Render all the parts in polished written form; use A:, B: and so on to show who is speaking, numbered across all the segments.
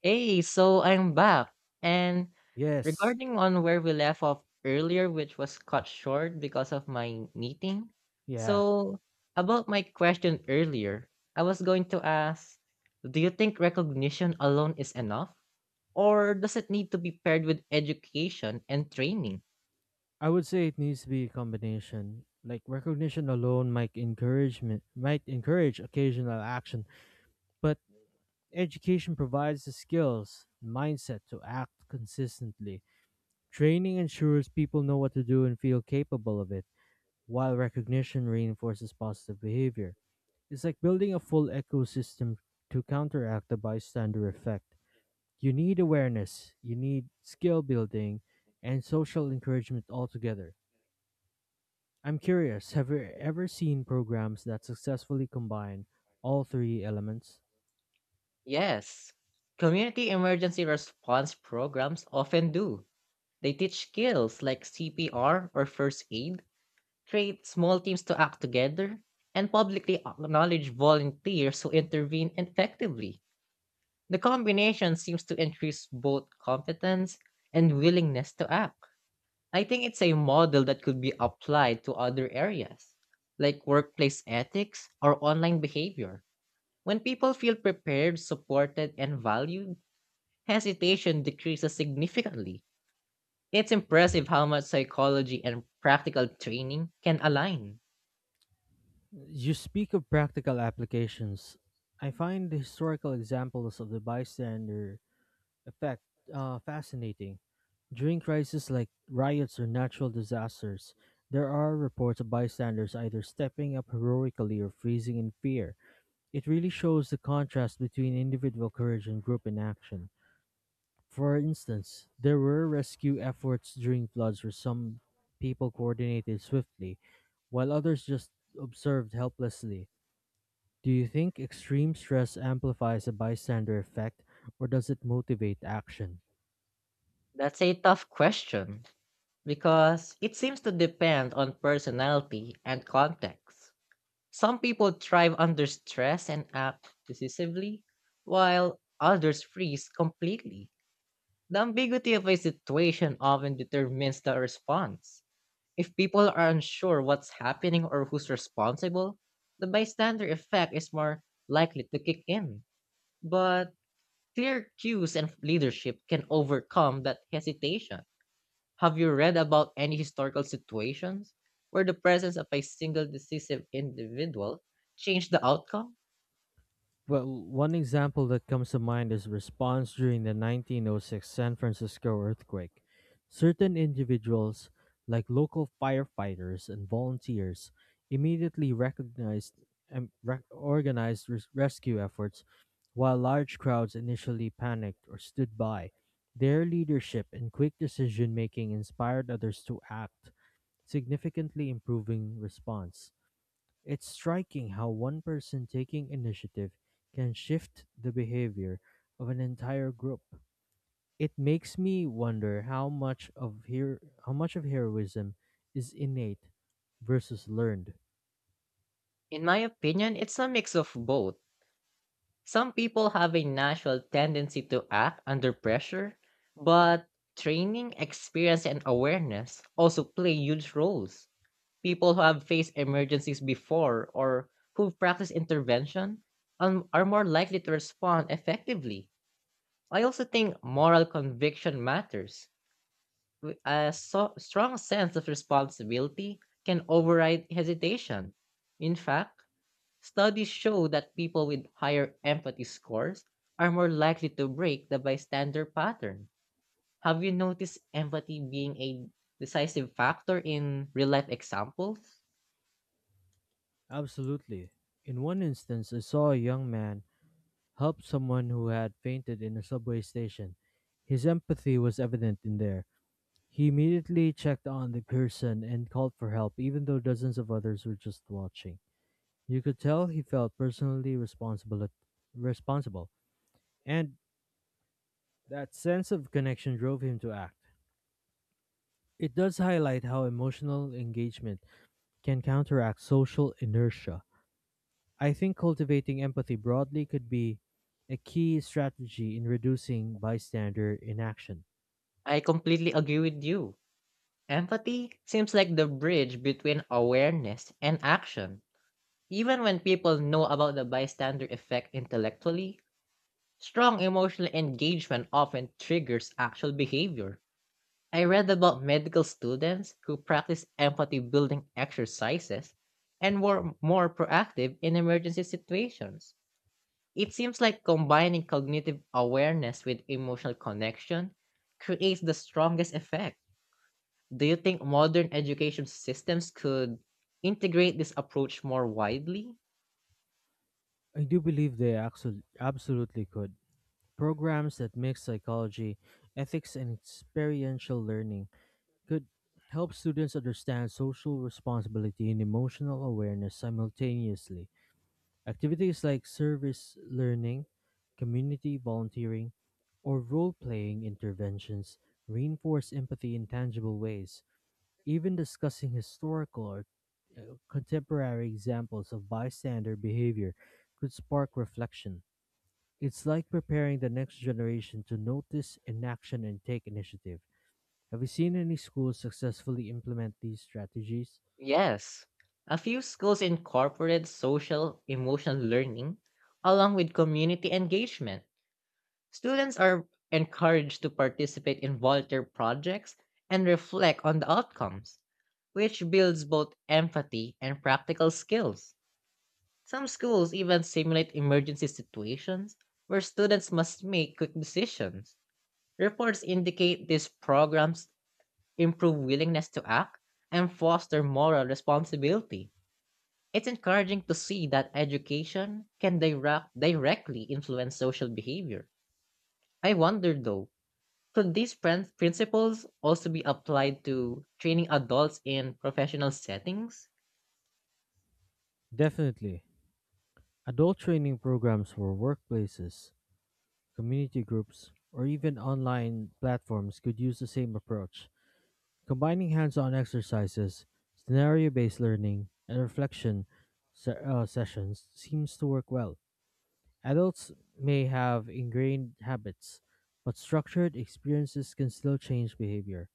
A: Hey, so I'm back. And
B: Yes.
A: regarding on where we left off earlier, which was cut short because of my meeting.
B: Yeah,
A: So about my question earlier, I was going to ask, do you think recognition alone is enough? Or does it need to be paired with education and training?
B: I would say it needs to be a combination. Like recognition alone might encourage occasional action, but education provides the skills mindset to act consistently. Training ensures people know what to do and feel capable of it, while recognition reinforces positive behavior. It's like building a full ecosystem to counteract the bystander effect. You need awareness, you need skill building, and social encouragement altogether. I'm curious, have you ever seen programs that successfully combine all three elements?
A: Yes. Community emergency response programs often do. They teach skills like CPR or first aid, create small teams to act together, and publicly acknowledge volunteers who intervene effectively. The combination seems to increase both competence and willingness to act. I think it's a model that could be applied to other areas, like workplace ethics or online behavior. When people feel prepared, supported, and valued, hesitation decreases significantly. It's impressive how much psychology and practical training can align.
B: You speak of practical applications. I find the historical examples of the bystander effect fascinating. During crises like riots or natural disasters, there are reports of bystanders either stepping up heroically or freezing in fear. It really shows the contrast between individual courage and group inaction. For instance, there were rescue efforts during floods where some people coordinated swiftly, while others just observed helplessly. Do you think extreme stress amplifies a bystander effect, or does it motivate action?
A: That's a tough question because it seems to depend on personality and context. Some people thrive under stress and act decisively, while others freeze completely. The ambiguity of a situation often determines the response. If people are unsure what's happening or who's responsible, the bystander effect is more likely to kick in. But clear cues and leadership can overcome that hesitation. Have you read about any historical situations where the presence of a single decisive individual changed the outcome?
B: Well, one example that comes to mind is response during the 1906 San Francisco earthquake. Certain individuals, like local firefighters and volunteers, immediately recognized and organized rescue efforts, while large crowds initially panicked or stood by. Their leadership and quick decision making inspired others to act, significantly improving response. It's striking how one person taking initiative can shift the behavior of an entire group. It makes me wonder how much of heroism is innate versus learned.
A: In my opinion, it's a mix of both. Some people have a natural tendency to act under pressure, but training, experience, and awareness also play huge roles. People who have faced emergencies before or who've practiced intervention are more likely to respond effectively. I also think moral conviction matters. Strong sense of responsibility can override hesitation. In fact, studies show that people with higher empathy scores are more likely to break the bystander pattern. Have you noticed empathy being a decisive factor in real life examples?
B: Absolutely. In one instance, I saw a young man help someone who had fainted in a subway station. His empathy was evident in there. He immediately checked on the person and called for help, even though dozens of others were just watching. You could tell he felt responsible, and that sense of connection drove him to act. It does highlight how emotional engagement can counteract social inertia. I think cultivating empathy broadly could be a key strategy in reducing bystander inaction.
A: I completely agree with you. Empathy seems like the bridge between awareness and action. Even when people know about the bystander effect intellectually, strong emotional engagement often triggers actual behavior. I read about medical students who practice empathy building exercises and were more proactive in emergency situations. It seems like combining cognitive awareness with emotional connection creates the strongest effect. Do you think modern education systems could integrate this approach more widely?
B: I do believe they absolutely could. Programs that mix psychology, ethics, and experiential learning could help students understand social responsibility and emotional awareness simultaneously. Activities like service learning, community volunteering, or role playing interventions reinforce empathy in tangible ways. Even discussing historical or uh, contemporary examples of bystander behavior could spark reflection. It's like preparing the next generation to notice, enact, and take initiative. Have you seen any schools successfully implement these strategies?
A: Yes, a few schools incorporate social emotional learning along with community engagement. Students are encouraged to participate in volunteer projects and reflect on the outcomes, which builds both empathy and practical skills. Some schools even simulate emergency situations where students must make quick decisions. Reports indicate these programs improve willingness to act and foster moral responsibility. It's encouraging to see that education can directly influence social behavior. I wonder though, could these principles also be applied to training adults in professional settings?
B: Definitely. Adult training programs for workplaces, community groups, or even online platforms could use the same approach. Combining hands on exercises, scenario based learning, and reflection sessions seems to work well. Adults may have ingrained habits, but structured experiences can still change behavior.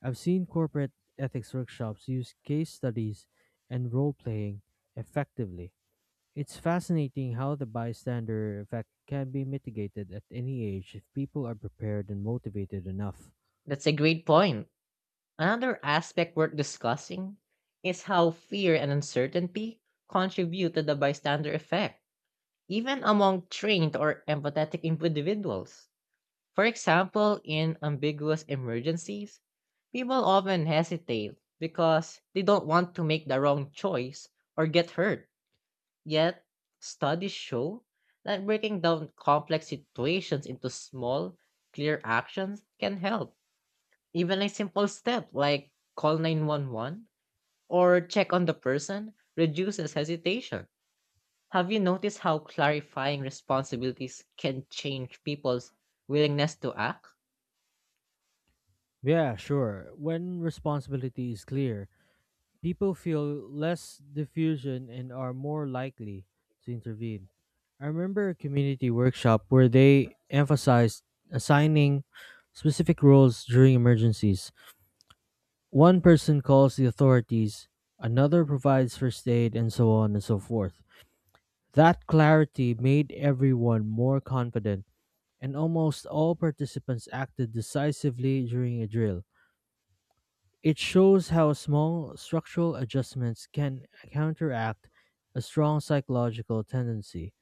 B: I've seen corporate ethics workshops use case studies and role playing effectively. It's fascinating how the bystander effect can be mitigated at any age if people are prepared and motivated enough.
A: That's a great point. Another aspect worth discussing is how fear and uncertainty contribute to the bystander effect, even among trained or empathetic individuals. For example, in ambiguous emergencies, people often hesitate because they don't want to make the wrong choice or get hurt. Yet, studies show that breaking down complex situations into small, clear actions can help. Even a simple step like call 911 or check on the person reduces hesitation. Have you noticed how clarifying responsibilities can change people's willingness to act?
B: Yeah, sure. When responsibility is clear, people feel less diffusion and are more likely to intervene. I remember a community workshop where they emphasized assigning specific roles during emergencies. One person calls the authorities, another provides first aid, and so on and so forth. That clarity made everyone more confident, and almost all participants acted decisively during a drill. It shows how small structural adjustments can counteract a strong psychological tendency.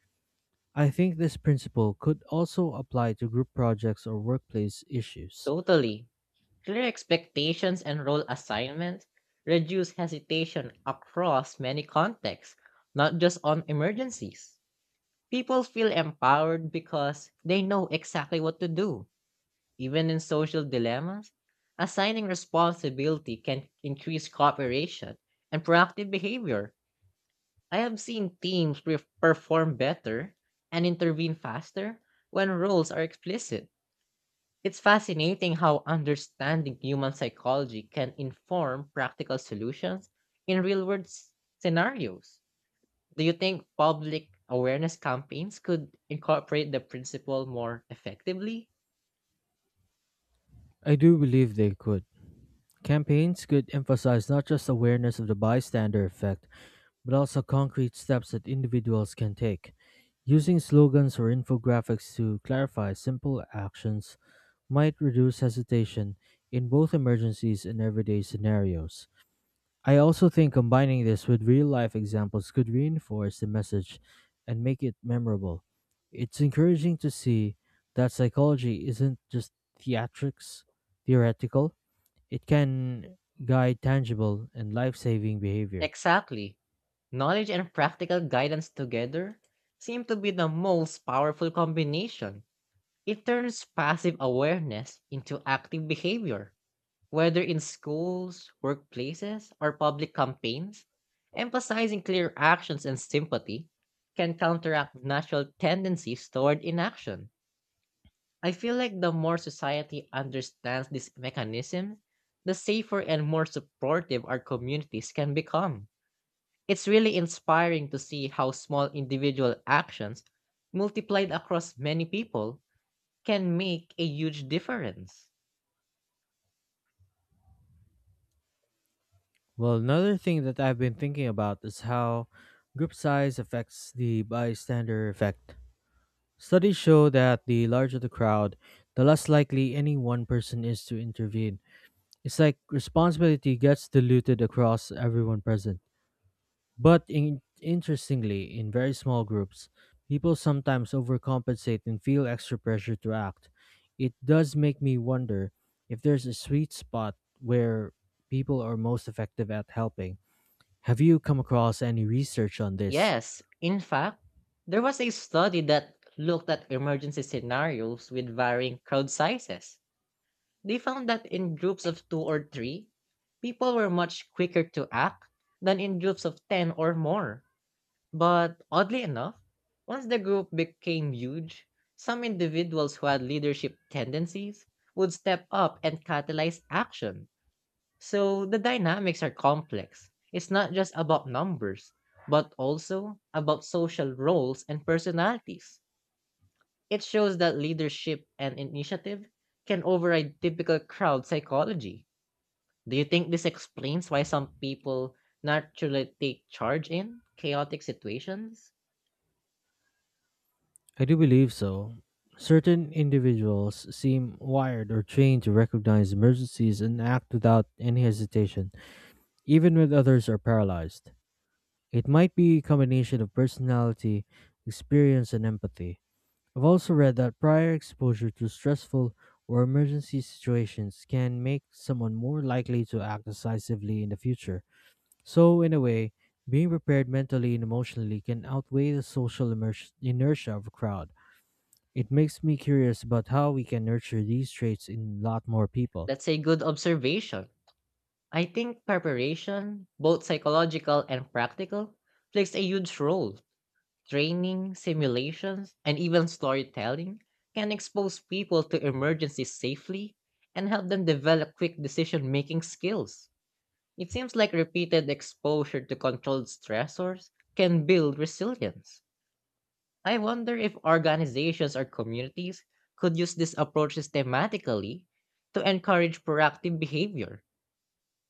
B: I think this principle could also apply to group projects or workplace issues.
A: Totally. Clear expectations and role assignments reduce hesitation across many contexts, not just on emergencies. People feel empowered because they know exactly what to do. Even in social dilemmas, assigning responsibility can increase cooperation and proactive behavior. I have seen teams perform better and intervene faster when roles are explicit. It's fascinating how understanding human psychology can inform practical solutions in real world scenarios. Do you think public awareness campaigns could incorporate the principle more effectively?
B: I do believe they could. Campaigns could emphasize not just awareness of the bystander effect, but also concrete steps that individuals can take. Using slogans or infographics to clarify simple actions might reduce hesitation in both emergencies and everyday scenarios. I also think combining this with real life examples could reinforce the message and make it memorable. It's encouraging to see that psychology isn't just theatrics, theoretical, it can guide tangible and life saving behavior.
A: Exactly. Knowledge and practical guidance together seem to be the most powerful combination. It turns passive awareness into active behavior. Whether in schools, workplaces, or public campaigns, emphasizing clear actions and sympathy can counteract natural tendencies toward inaction. I feel like the more society understands this mechanism, the safer and more supportive our communities can become. It's really inspiring to see how small individual actions, multiplied across many people, can make a huge difference.
B: Well, another thing that I've been thinking about is how group size affects the bystander effect. Studies show that the larger the crowd, the less likely any one person is to intervene. It's like responsibility gets diluted across everyone present. But interestingly, in very small groups, people sometimes overcompensate and feel extra pressure to act. It does make me wonder if there's a sweet spot where people are most effective at helping. Have you come across any research on this?
A: Yes, in fact, there was a study that looked at emergency scenarios with varying crowd sizes. They found that in groups of two or three, people were much quicker to act than in groups of 10 or more. But oddly enough, once the group became huge, some individuals who had leadership tendencies would step up and catalyze action. So the dynamics are complex. It's not just about numbers, but also about social roles and personalities. It shows that leadership and initiative can override typical crowd psychology. Do you think this explains why some people naturally take charge in chaotic situations?
B: I do believe so. Certain individuals seem wired or trained to recognize emergencies and act without any hesitation, even when others are paralyzed. It might be a combination of personality, experience, and empathy. I've also read that prior exposure to stressful or emergency situations can make someone more likely to act decisively in the future. So, in a way, being prepared mentally and emotionally can outweigh the inertia of a crowd. It makes me curious about how we can nurture these traits in a lot more people.
A: That's a good observation. I think preparation, both psychological and practical, plays a huge role. Training, simulations, and even storytelling can expose people to emergencies safely and help them develop quick decision making skills. It seems like repeated exposure to controlled stressors can build resilience. I wonder if organizations or communities could use this approach systematically to encourage proactive behavior.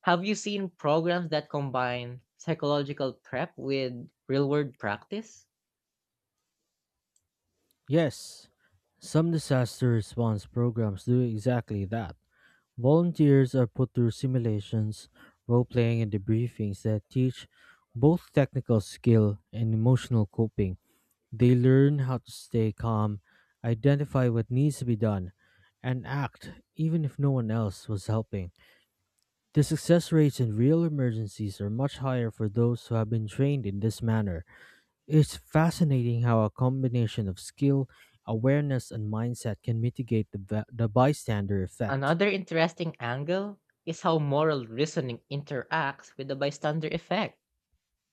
A: Have you seen programs that combine psychological prep with real world practice?
B: Yes, some disaster response programs do exactly that. Volunteers are put through simulations, role playing, and debriefings that teach both technical skill and emotional coping. They learn how to stay calm, identify what needs to be done, and act even if no one else was helping. The success rates in real emergencies are much higher for those who have been trained in this manner. It's fascinating how a combination of skill, awareness, and mindset can mitigate the bystander effect.
A: Another interesting angle is how moral reasoning interacts with the bystander effect.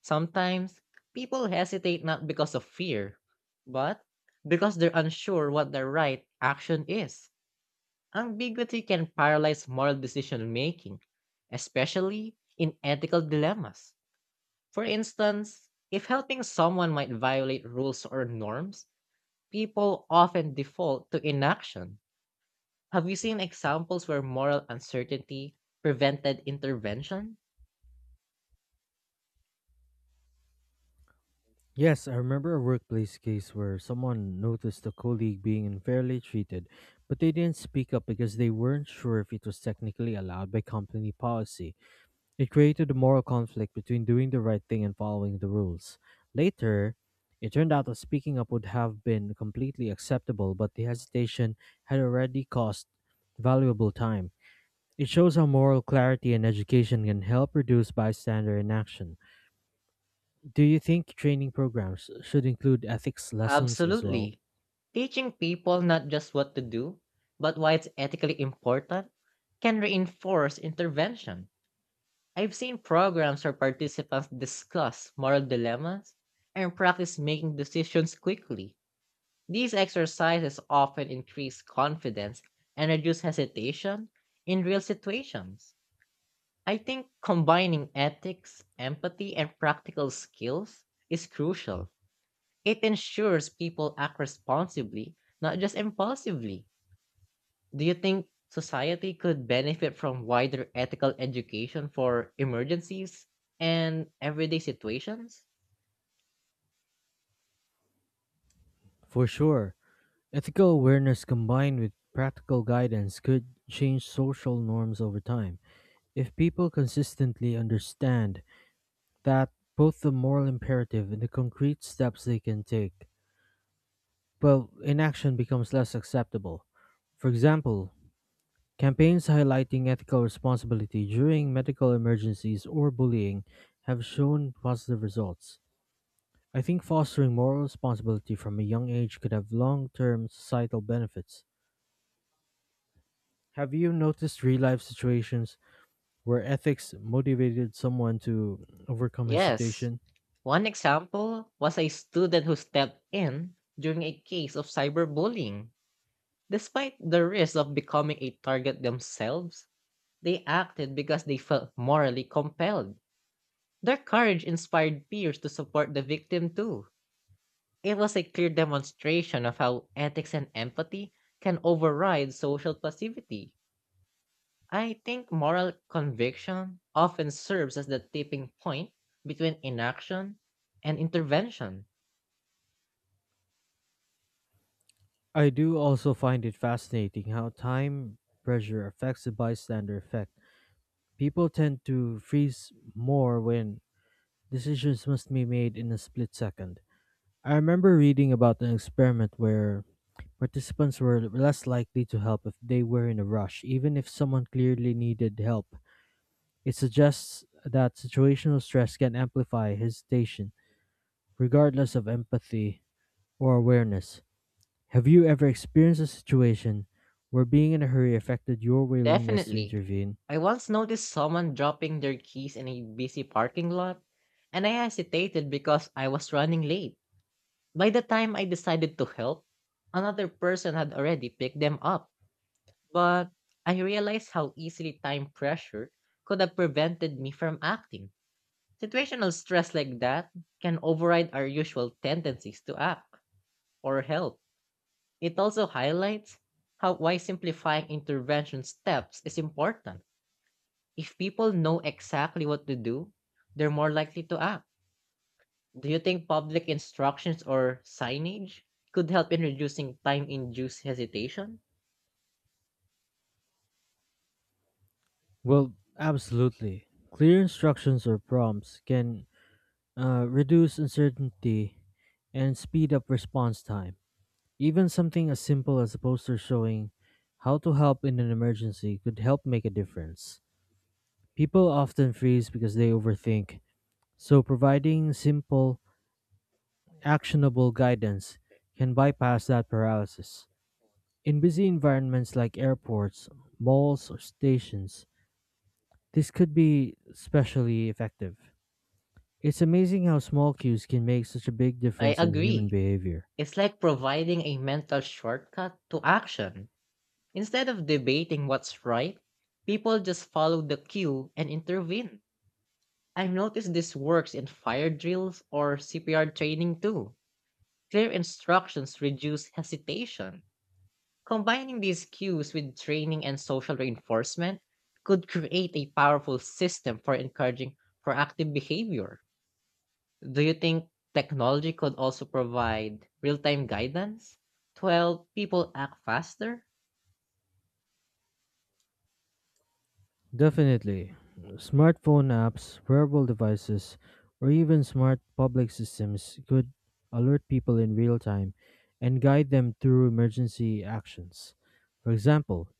A: Sometimes, people hesitate not because of fear, but because they're unsure what the right action is. Ambiguity can paralyze moral decision making, especially in ethical dilemmas. For instance, if helping someone might violate rules or norms, people often default to inaction. Have you seen examples where moral uncertainty prevented intervention?
B: Yes, I remember a workplace case where someone noticed a colleague being unfairly treated, but they didn't speak up because they weren't sure if it was technically allowed by company policy. It created a moral conflict between doing the right thing and following the rules. Later, it turned out that speaking up would have been completely acceptable, but the hesitation had already cost valuable time. It shows how moral clarity and education can help reduce bystander inaction. Do you think training programs should include ethics lessons as well?
A: Absolutely. Teaching people not just what to do, but why it's ethically important, can reinforce intervention. I've seen programs where participants discuss moral dilemmas and practice making decisions quickly. These exercises often increase confidence and reduce hesitation in real situations. I think combining ethics, empathy, and practical skills is crucial. It ensures people act responsibly, not just impulsively. Do you think society could benefit from wider ethical education for emergencies and everyday situations?
B: For sure. Ethical awareness combined with practical guidance could change social norms over time. If people consistently understand that both the moral imperative and the concrete steps they can take, well, inaction becomes less acceptable. For example, campaigns highlighting ethical responsibility during medical emergencies or bullying have shown positive results. I think fostering moral responsibility from a young age could have long term societal benefits. Have you noticed real life situations where ethics motivated someone to overcome
A: Yes.
B: hesitation?
A: One example was a student who stepped in during a case of cyberbullying. Despite the risk of becoming a target themselves, they acted because they felt morally compelled. Their courage inspired peers to support the victim too. It was a clear demonstration of how ethics and empathy can override social passivity. I think moral conviction often serves as the tipping point between inaction and intervention.
B: I do also find it fascinating how time pressure affects the bystander effect. People tend to freeze more when decisions must be made in a split second. I remember reading about an experiment where participants were less likely to help if they were in a rush, even if someone clearly needed help. It suggests that situational stress can amplify hesitation, regardless of empathy or awareness. Have you ever experienced a situation where being in a hurry affected your willingness to
A: Definitely.
B: intervene?
A: I once noticed someone dropping their keys in a busy parking lot, and I hesitated because I was running late. By the time I decided to help, another person had already picked them up, but I realized how easily time pressure could have prevented me from acting. Situational stress like that can override our usual tendencies to act or help. It also highlights how why simplifying intervention steps is important. If people know exactly what to do, they're more likely to act. Do you think public instructions or signage could help in reducing time induced hesitation?
B: Well, absolutely. Clear instructions or prompts can reduce uncertainty and speed up response time. Even something as simple as a poster showing how to help in an emergency could help make a difference. People often freeze because they overthink, so providing simple, actionable guidance can bypass that paralysis. In busy environments like airports, malls, or stations, this could be especially effective. It's amazing how small cues can make such a big
A: I
B: difference in human
A: agree.
B: behavior.
A: It's like providing a mental shortcut to action. Instead of debating what's right, people just follow the cue and intervene. I've noticed this works in fire drills or CPR training too. Clear instructions reduce hesitation. Combining these cues with training and social reinforcement could create a powerful system for encouraging proactive behavior. Do you think technology could also provide real time guidance to help people act faster?
B: Definitely. Smartphone apps, wearable devices, or even smart public systems could alert people in real time and guide them through emergency actions. For example,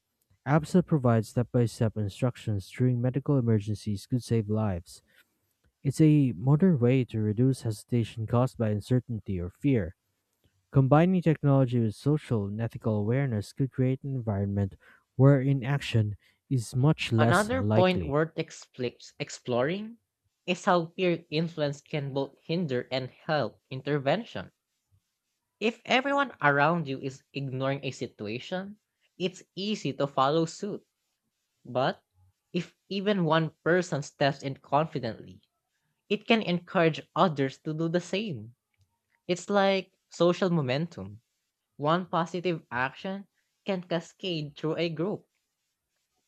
B: apps that provide step by step instructions during medical emergencies could save lives. It's a modern way to reduce hesitation caused by uncertainty or fear. Combining technology with social and ethical awareness could create an environment where inaction is much less
A: Another point
B: likely.
A: worth exploring is how peer influence can both hinder and help intervention. If everyone around you is ignoring a situation, it's easy to follow suit. But if even one person steps in confidently, it can encourage others to do the same. It's like social momentum. One positive action can cascade through a group.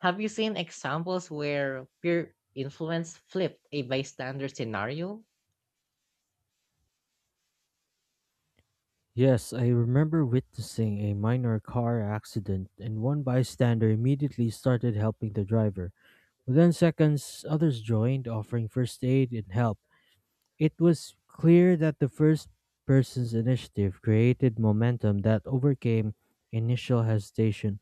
A: Have you seen examples where peer influence flipped a bystander scenario?
B: Yes, I remember witnessing a minor car accident, and one bystander immediately started helping the driver. Within seconds, others joined, offering first aid and help. It was clear that the first person's initiative created momentum that overcame initial hesitation.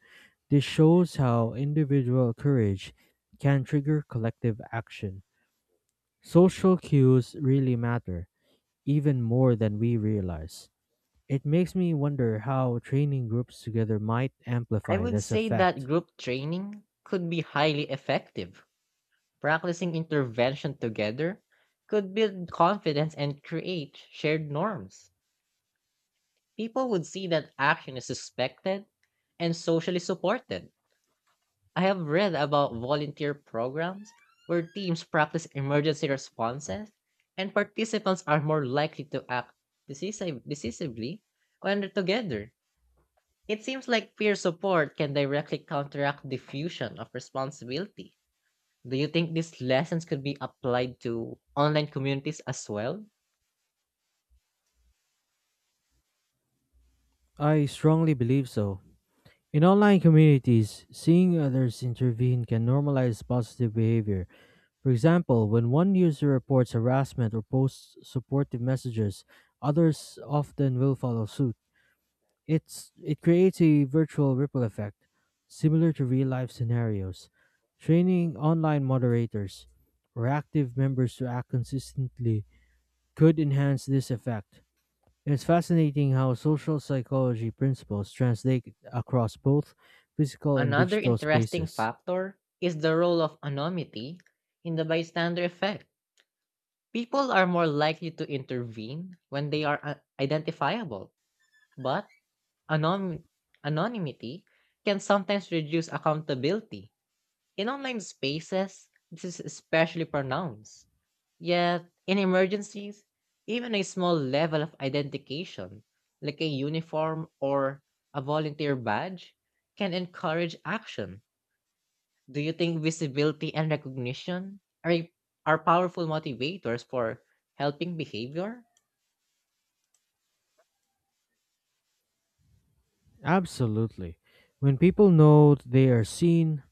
B: This shows how individual courage can trigger collective action. Social cues really matter, even more than we realize. It makes me wonder how training groups together might
A: I
B: amplify
A: would
B: this
A: say that
B: effect.
A: group training could be highly effective. Practicing intervention together could build confidence and create shared norms. People would see that action is suspected and socially supported. I have read about volunteer programs where teams practice emergency responses and participants are more likely to act decisively when they're together. It seems like peer support can directly counteract diffusion of responsibility. Do you think these lessons could be applied to online communities as well?
B: I strongly believe so. In online communities, seeing others intervene can normalize positive behavior. For example, when one user reports harassment or posts supportive messages, others often will follow suit. It creates a virtual ripple effect, similar to real-life scenarios. Training online moderators or active members to act consistently could enhance this effect. It's fascinating how social psychology principles translate across both physical and
A: Another
B: digital
A: interesting
B: spaces.
A: factor is the role of anonymity in the bystander effect. People are more likely to intervene when they are identifiable, but anon- anonymity can sometimes reduce accountability. In online spaces, this is especially pronounced. Yet, in emergencies, even a small level of identification, like a uniform or a volunteer badge, can encourage action. Do you think visibility and recognition are powerful motivators for helping behavior?
B: Absolutely. When people know they are seen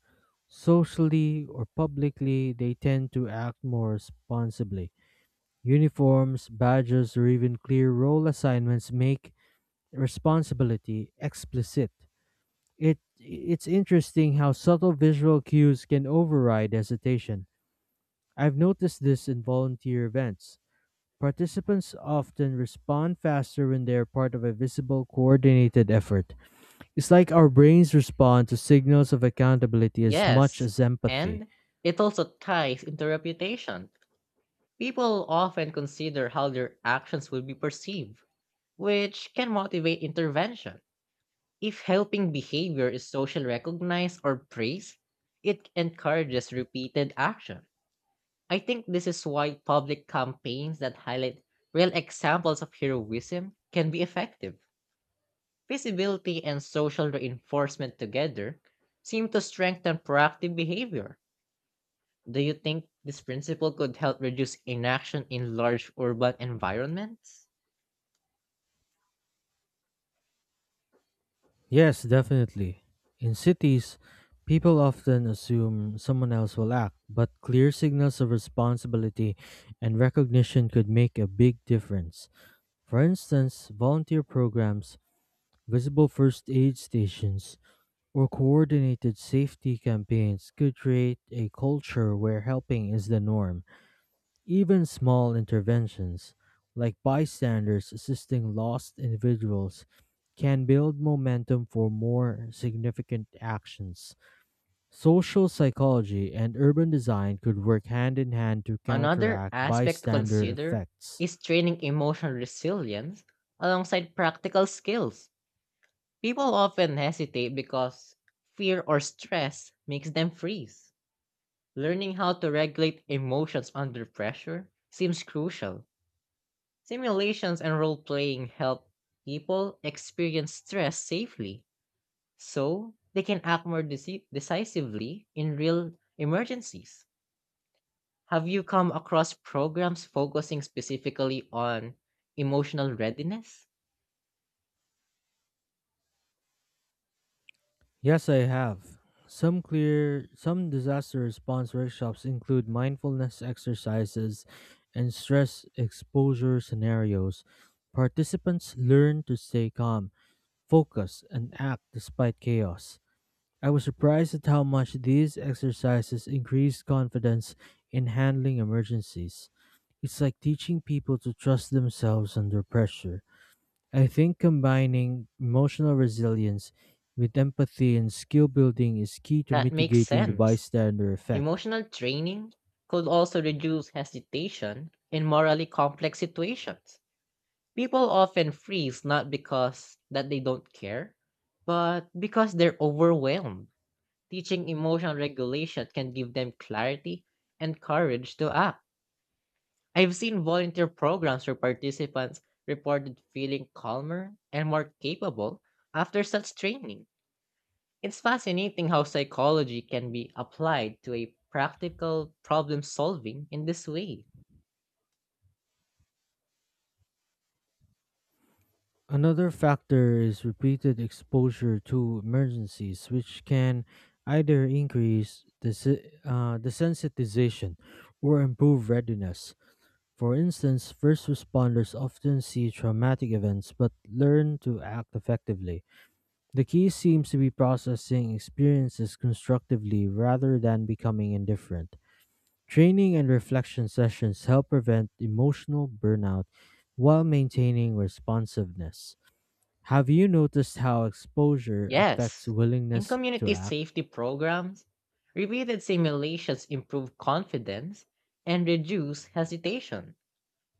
B: socially or publicly, they tend to act more responsibly. Uniforms, badges, or even clear role assignments make responsibility explicit. It's interesting how subtle visual cues can override hesitation. I've noticed this in volunteer events. Participants often respond faster when they're part of a visible, coordinated effort. It's like our brains respond to signals of accountability as much
A: Yes.
B: as empathy.
A: And it also ties into reputation. People often consider how their actions will be perceived, which can motivate intervention. If helping behavior is socially recognized or praised, it encourages repeated action. I think this is why public campaigns that highlight real examples of heroism can be effective. Visibility and social reinforcement together seem to strengthen proactive behavior. Do you think this principle could help reduce inaction in large urban environments?
B: Yes, definitely. In cities, people often assume someone else will act, but clear signals of responsibility and recognition could make a big difference. For instance, volunteer programs, visible first aid stations, or coordinated safety campaigns could create a culture where helping is the norm. Even small interventions, like bystanders assisting lost individuals, can build momentum for more significant actions. Social psychology and urban design could work hand in hand to
A: Another
B: counteract
A: aspect to
B: bystander
A: consider
B: effects.
A: is training emotional resilience alongside practical skills. People often hesitate because fear or stress makes them freeze. Learning how to regulate emotions under pressure seems crucial. Simulations and role playing help people experience stress safely so they can act more decisively in real emergencies. Have you come across programs focusing specifically on emotional readiness?
B: Yes, I have. Some disaster response workshops include mindfulness exercises and stress exposure scenarios. Participants learn to stay calm, focus, and act despite chaos. I was surprised at how much these exercises increased confidence in handling emergencies. It's like teaching people to trust themselves under pressure. I think combining emotional resilience with empathy and skill building is key to
A: That makes
B: mitigating the
A: sense.
B: bystander effect.
A: Emotional training could also reduce hesitation in morally complex situations. People often freeze not because that they don't care, but because they're overwhelmed. Teaching emotional regulation can give them clarity and courage to act. I've seen volunteer programs where participants reported feeling calmer and more capable after such training. It's fascinating how psychology can be applied to a practical problem solving in this way.
B: Another factor is repeated exposure to emergencies, which can either increase the sensitization or improve readiness. For instance, first responders often see traumatic events but learn to act effectively. The key seems to be processing experiences constructively rather than becoming indifferent. Training and reflection sessions help prevent emotional burnout while maintaining responsiveness. Have you noticed how exposure affects
A: Yes, in
B: willingness to
A: community
B: act?
A: safety programs, repeated simulations improve confidence and reduce hesitation.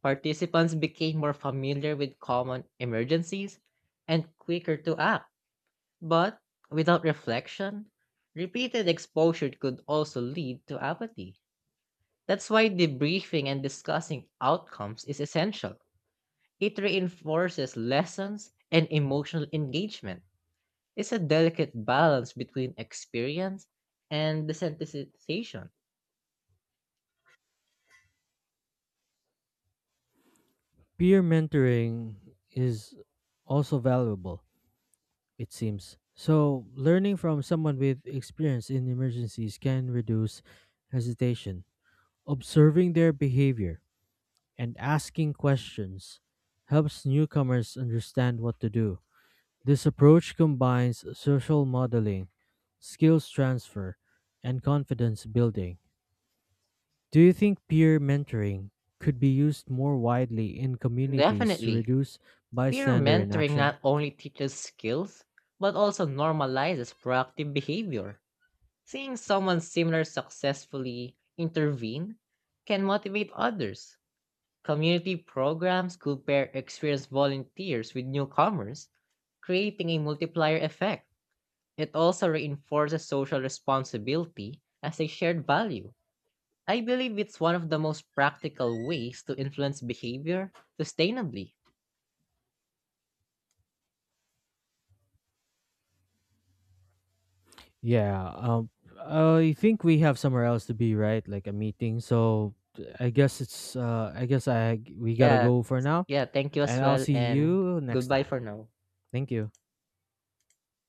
A: Participants became more familiar with common emergencies and quicker to act. But without reflection, repeated exposure could also lead to apathy. That's why debriefing and discussing outcomes is essential. It reinforces lessons and emotional engagement. It's a delicate balance between experience and desensitization.
B: Peer mentoring is also valuable, it seems. So, learning from someone with experience in emergencies can reduce hesitation. Observing their behavior and asking questions helps newcomers understand what to do. This approach combines social modeling, skills transfer, and confidence building. Do you think peer mentoring could be used more widely in communities to
A: Definitely.
B: reduce
A: Peer
B: bystander
A: mentoring
B: inaction?
A: not only teaches skills, but also normalizes proactive behavior. Seeing someone similar successfully intervene can motivate others. Community programs could pair experienced volunteers with newcomers, creating a multiplier effect. It also reinforces social responsibility as a shared value. I believe it's one of the most practical ways to influence behavior sustainably.
B: Yeah, um, I think we have somewhere else to be, right? Like a meeting. So I guess I guess I we gotta
A: Yeah.
B: go for now,
A: Yeah, thank you as
B: and I'll
A: well,
B: see
A: and
B: you next
A: goodbye
B: time.
A: for now.
B: Thank you.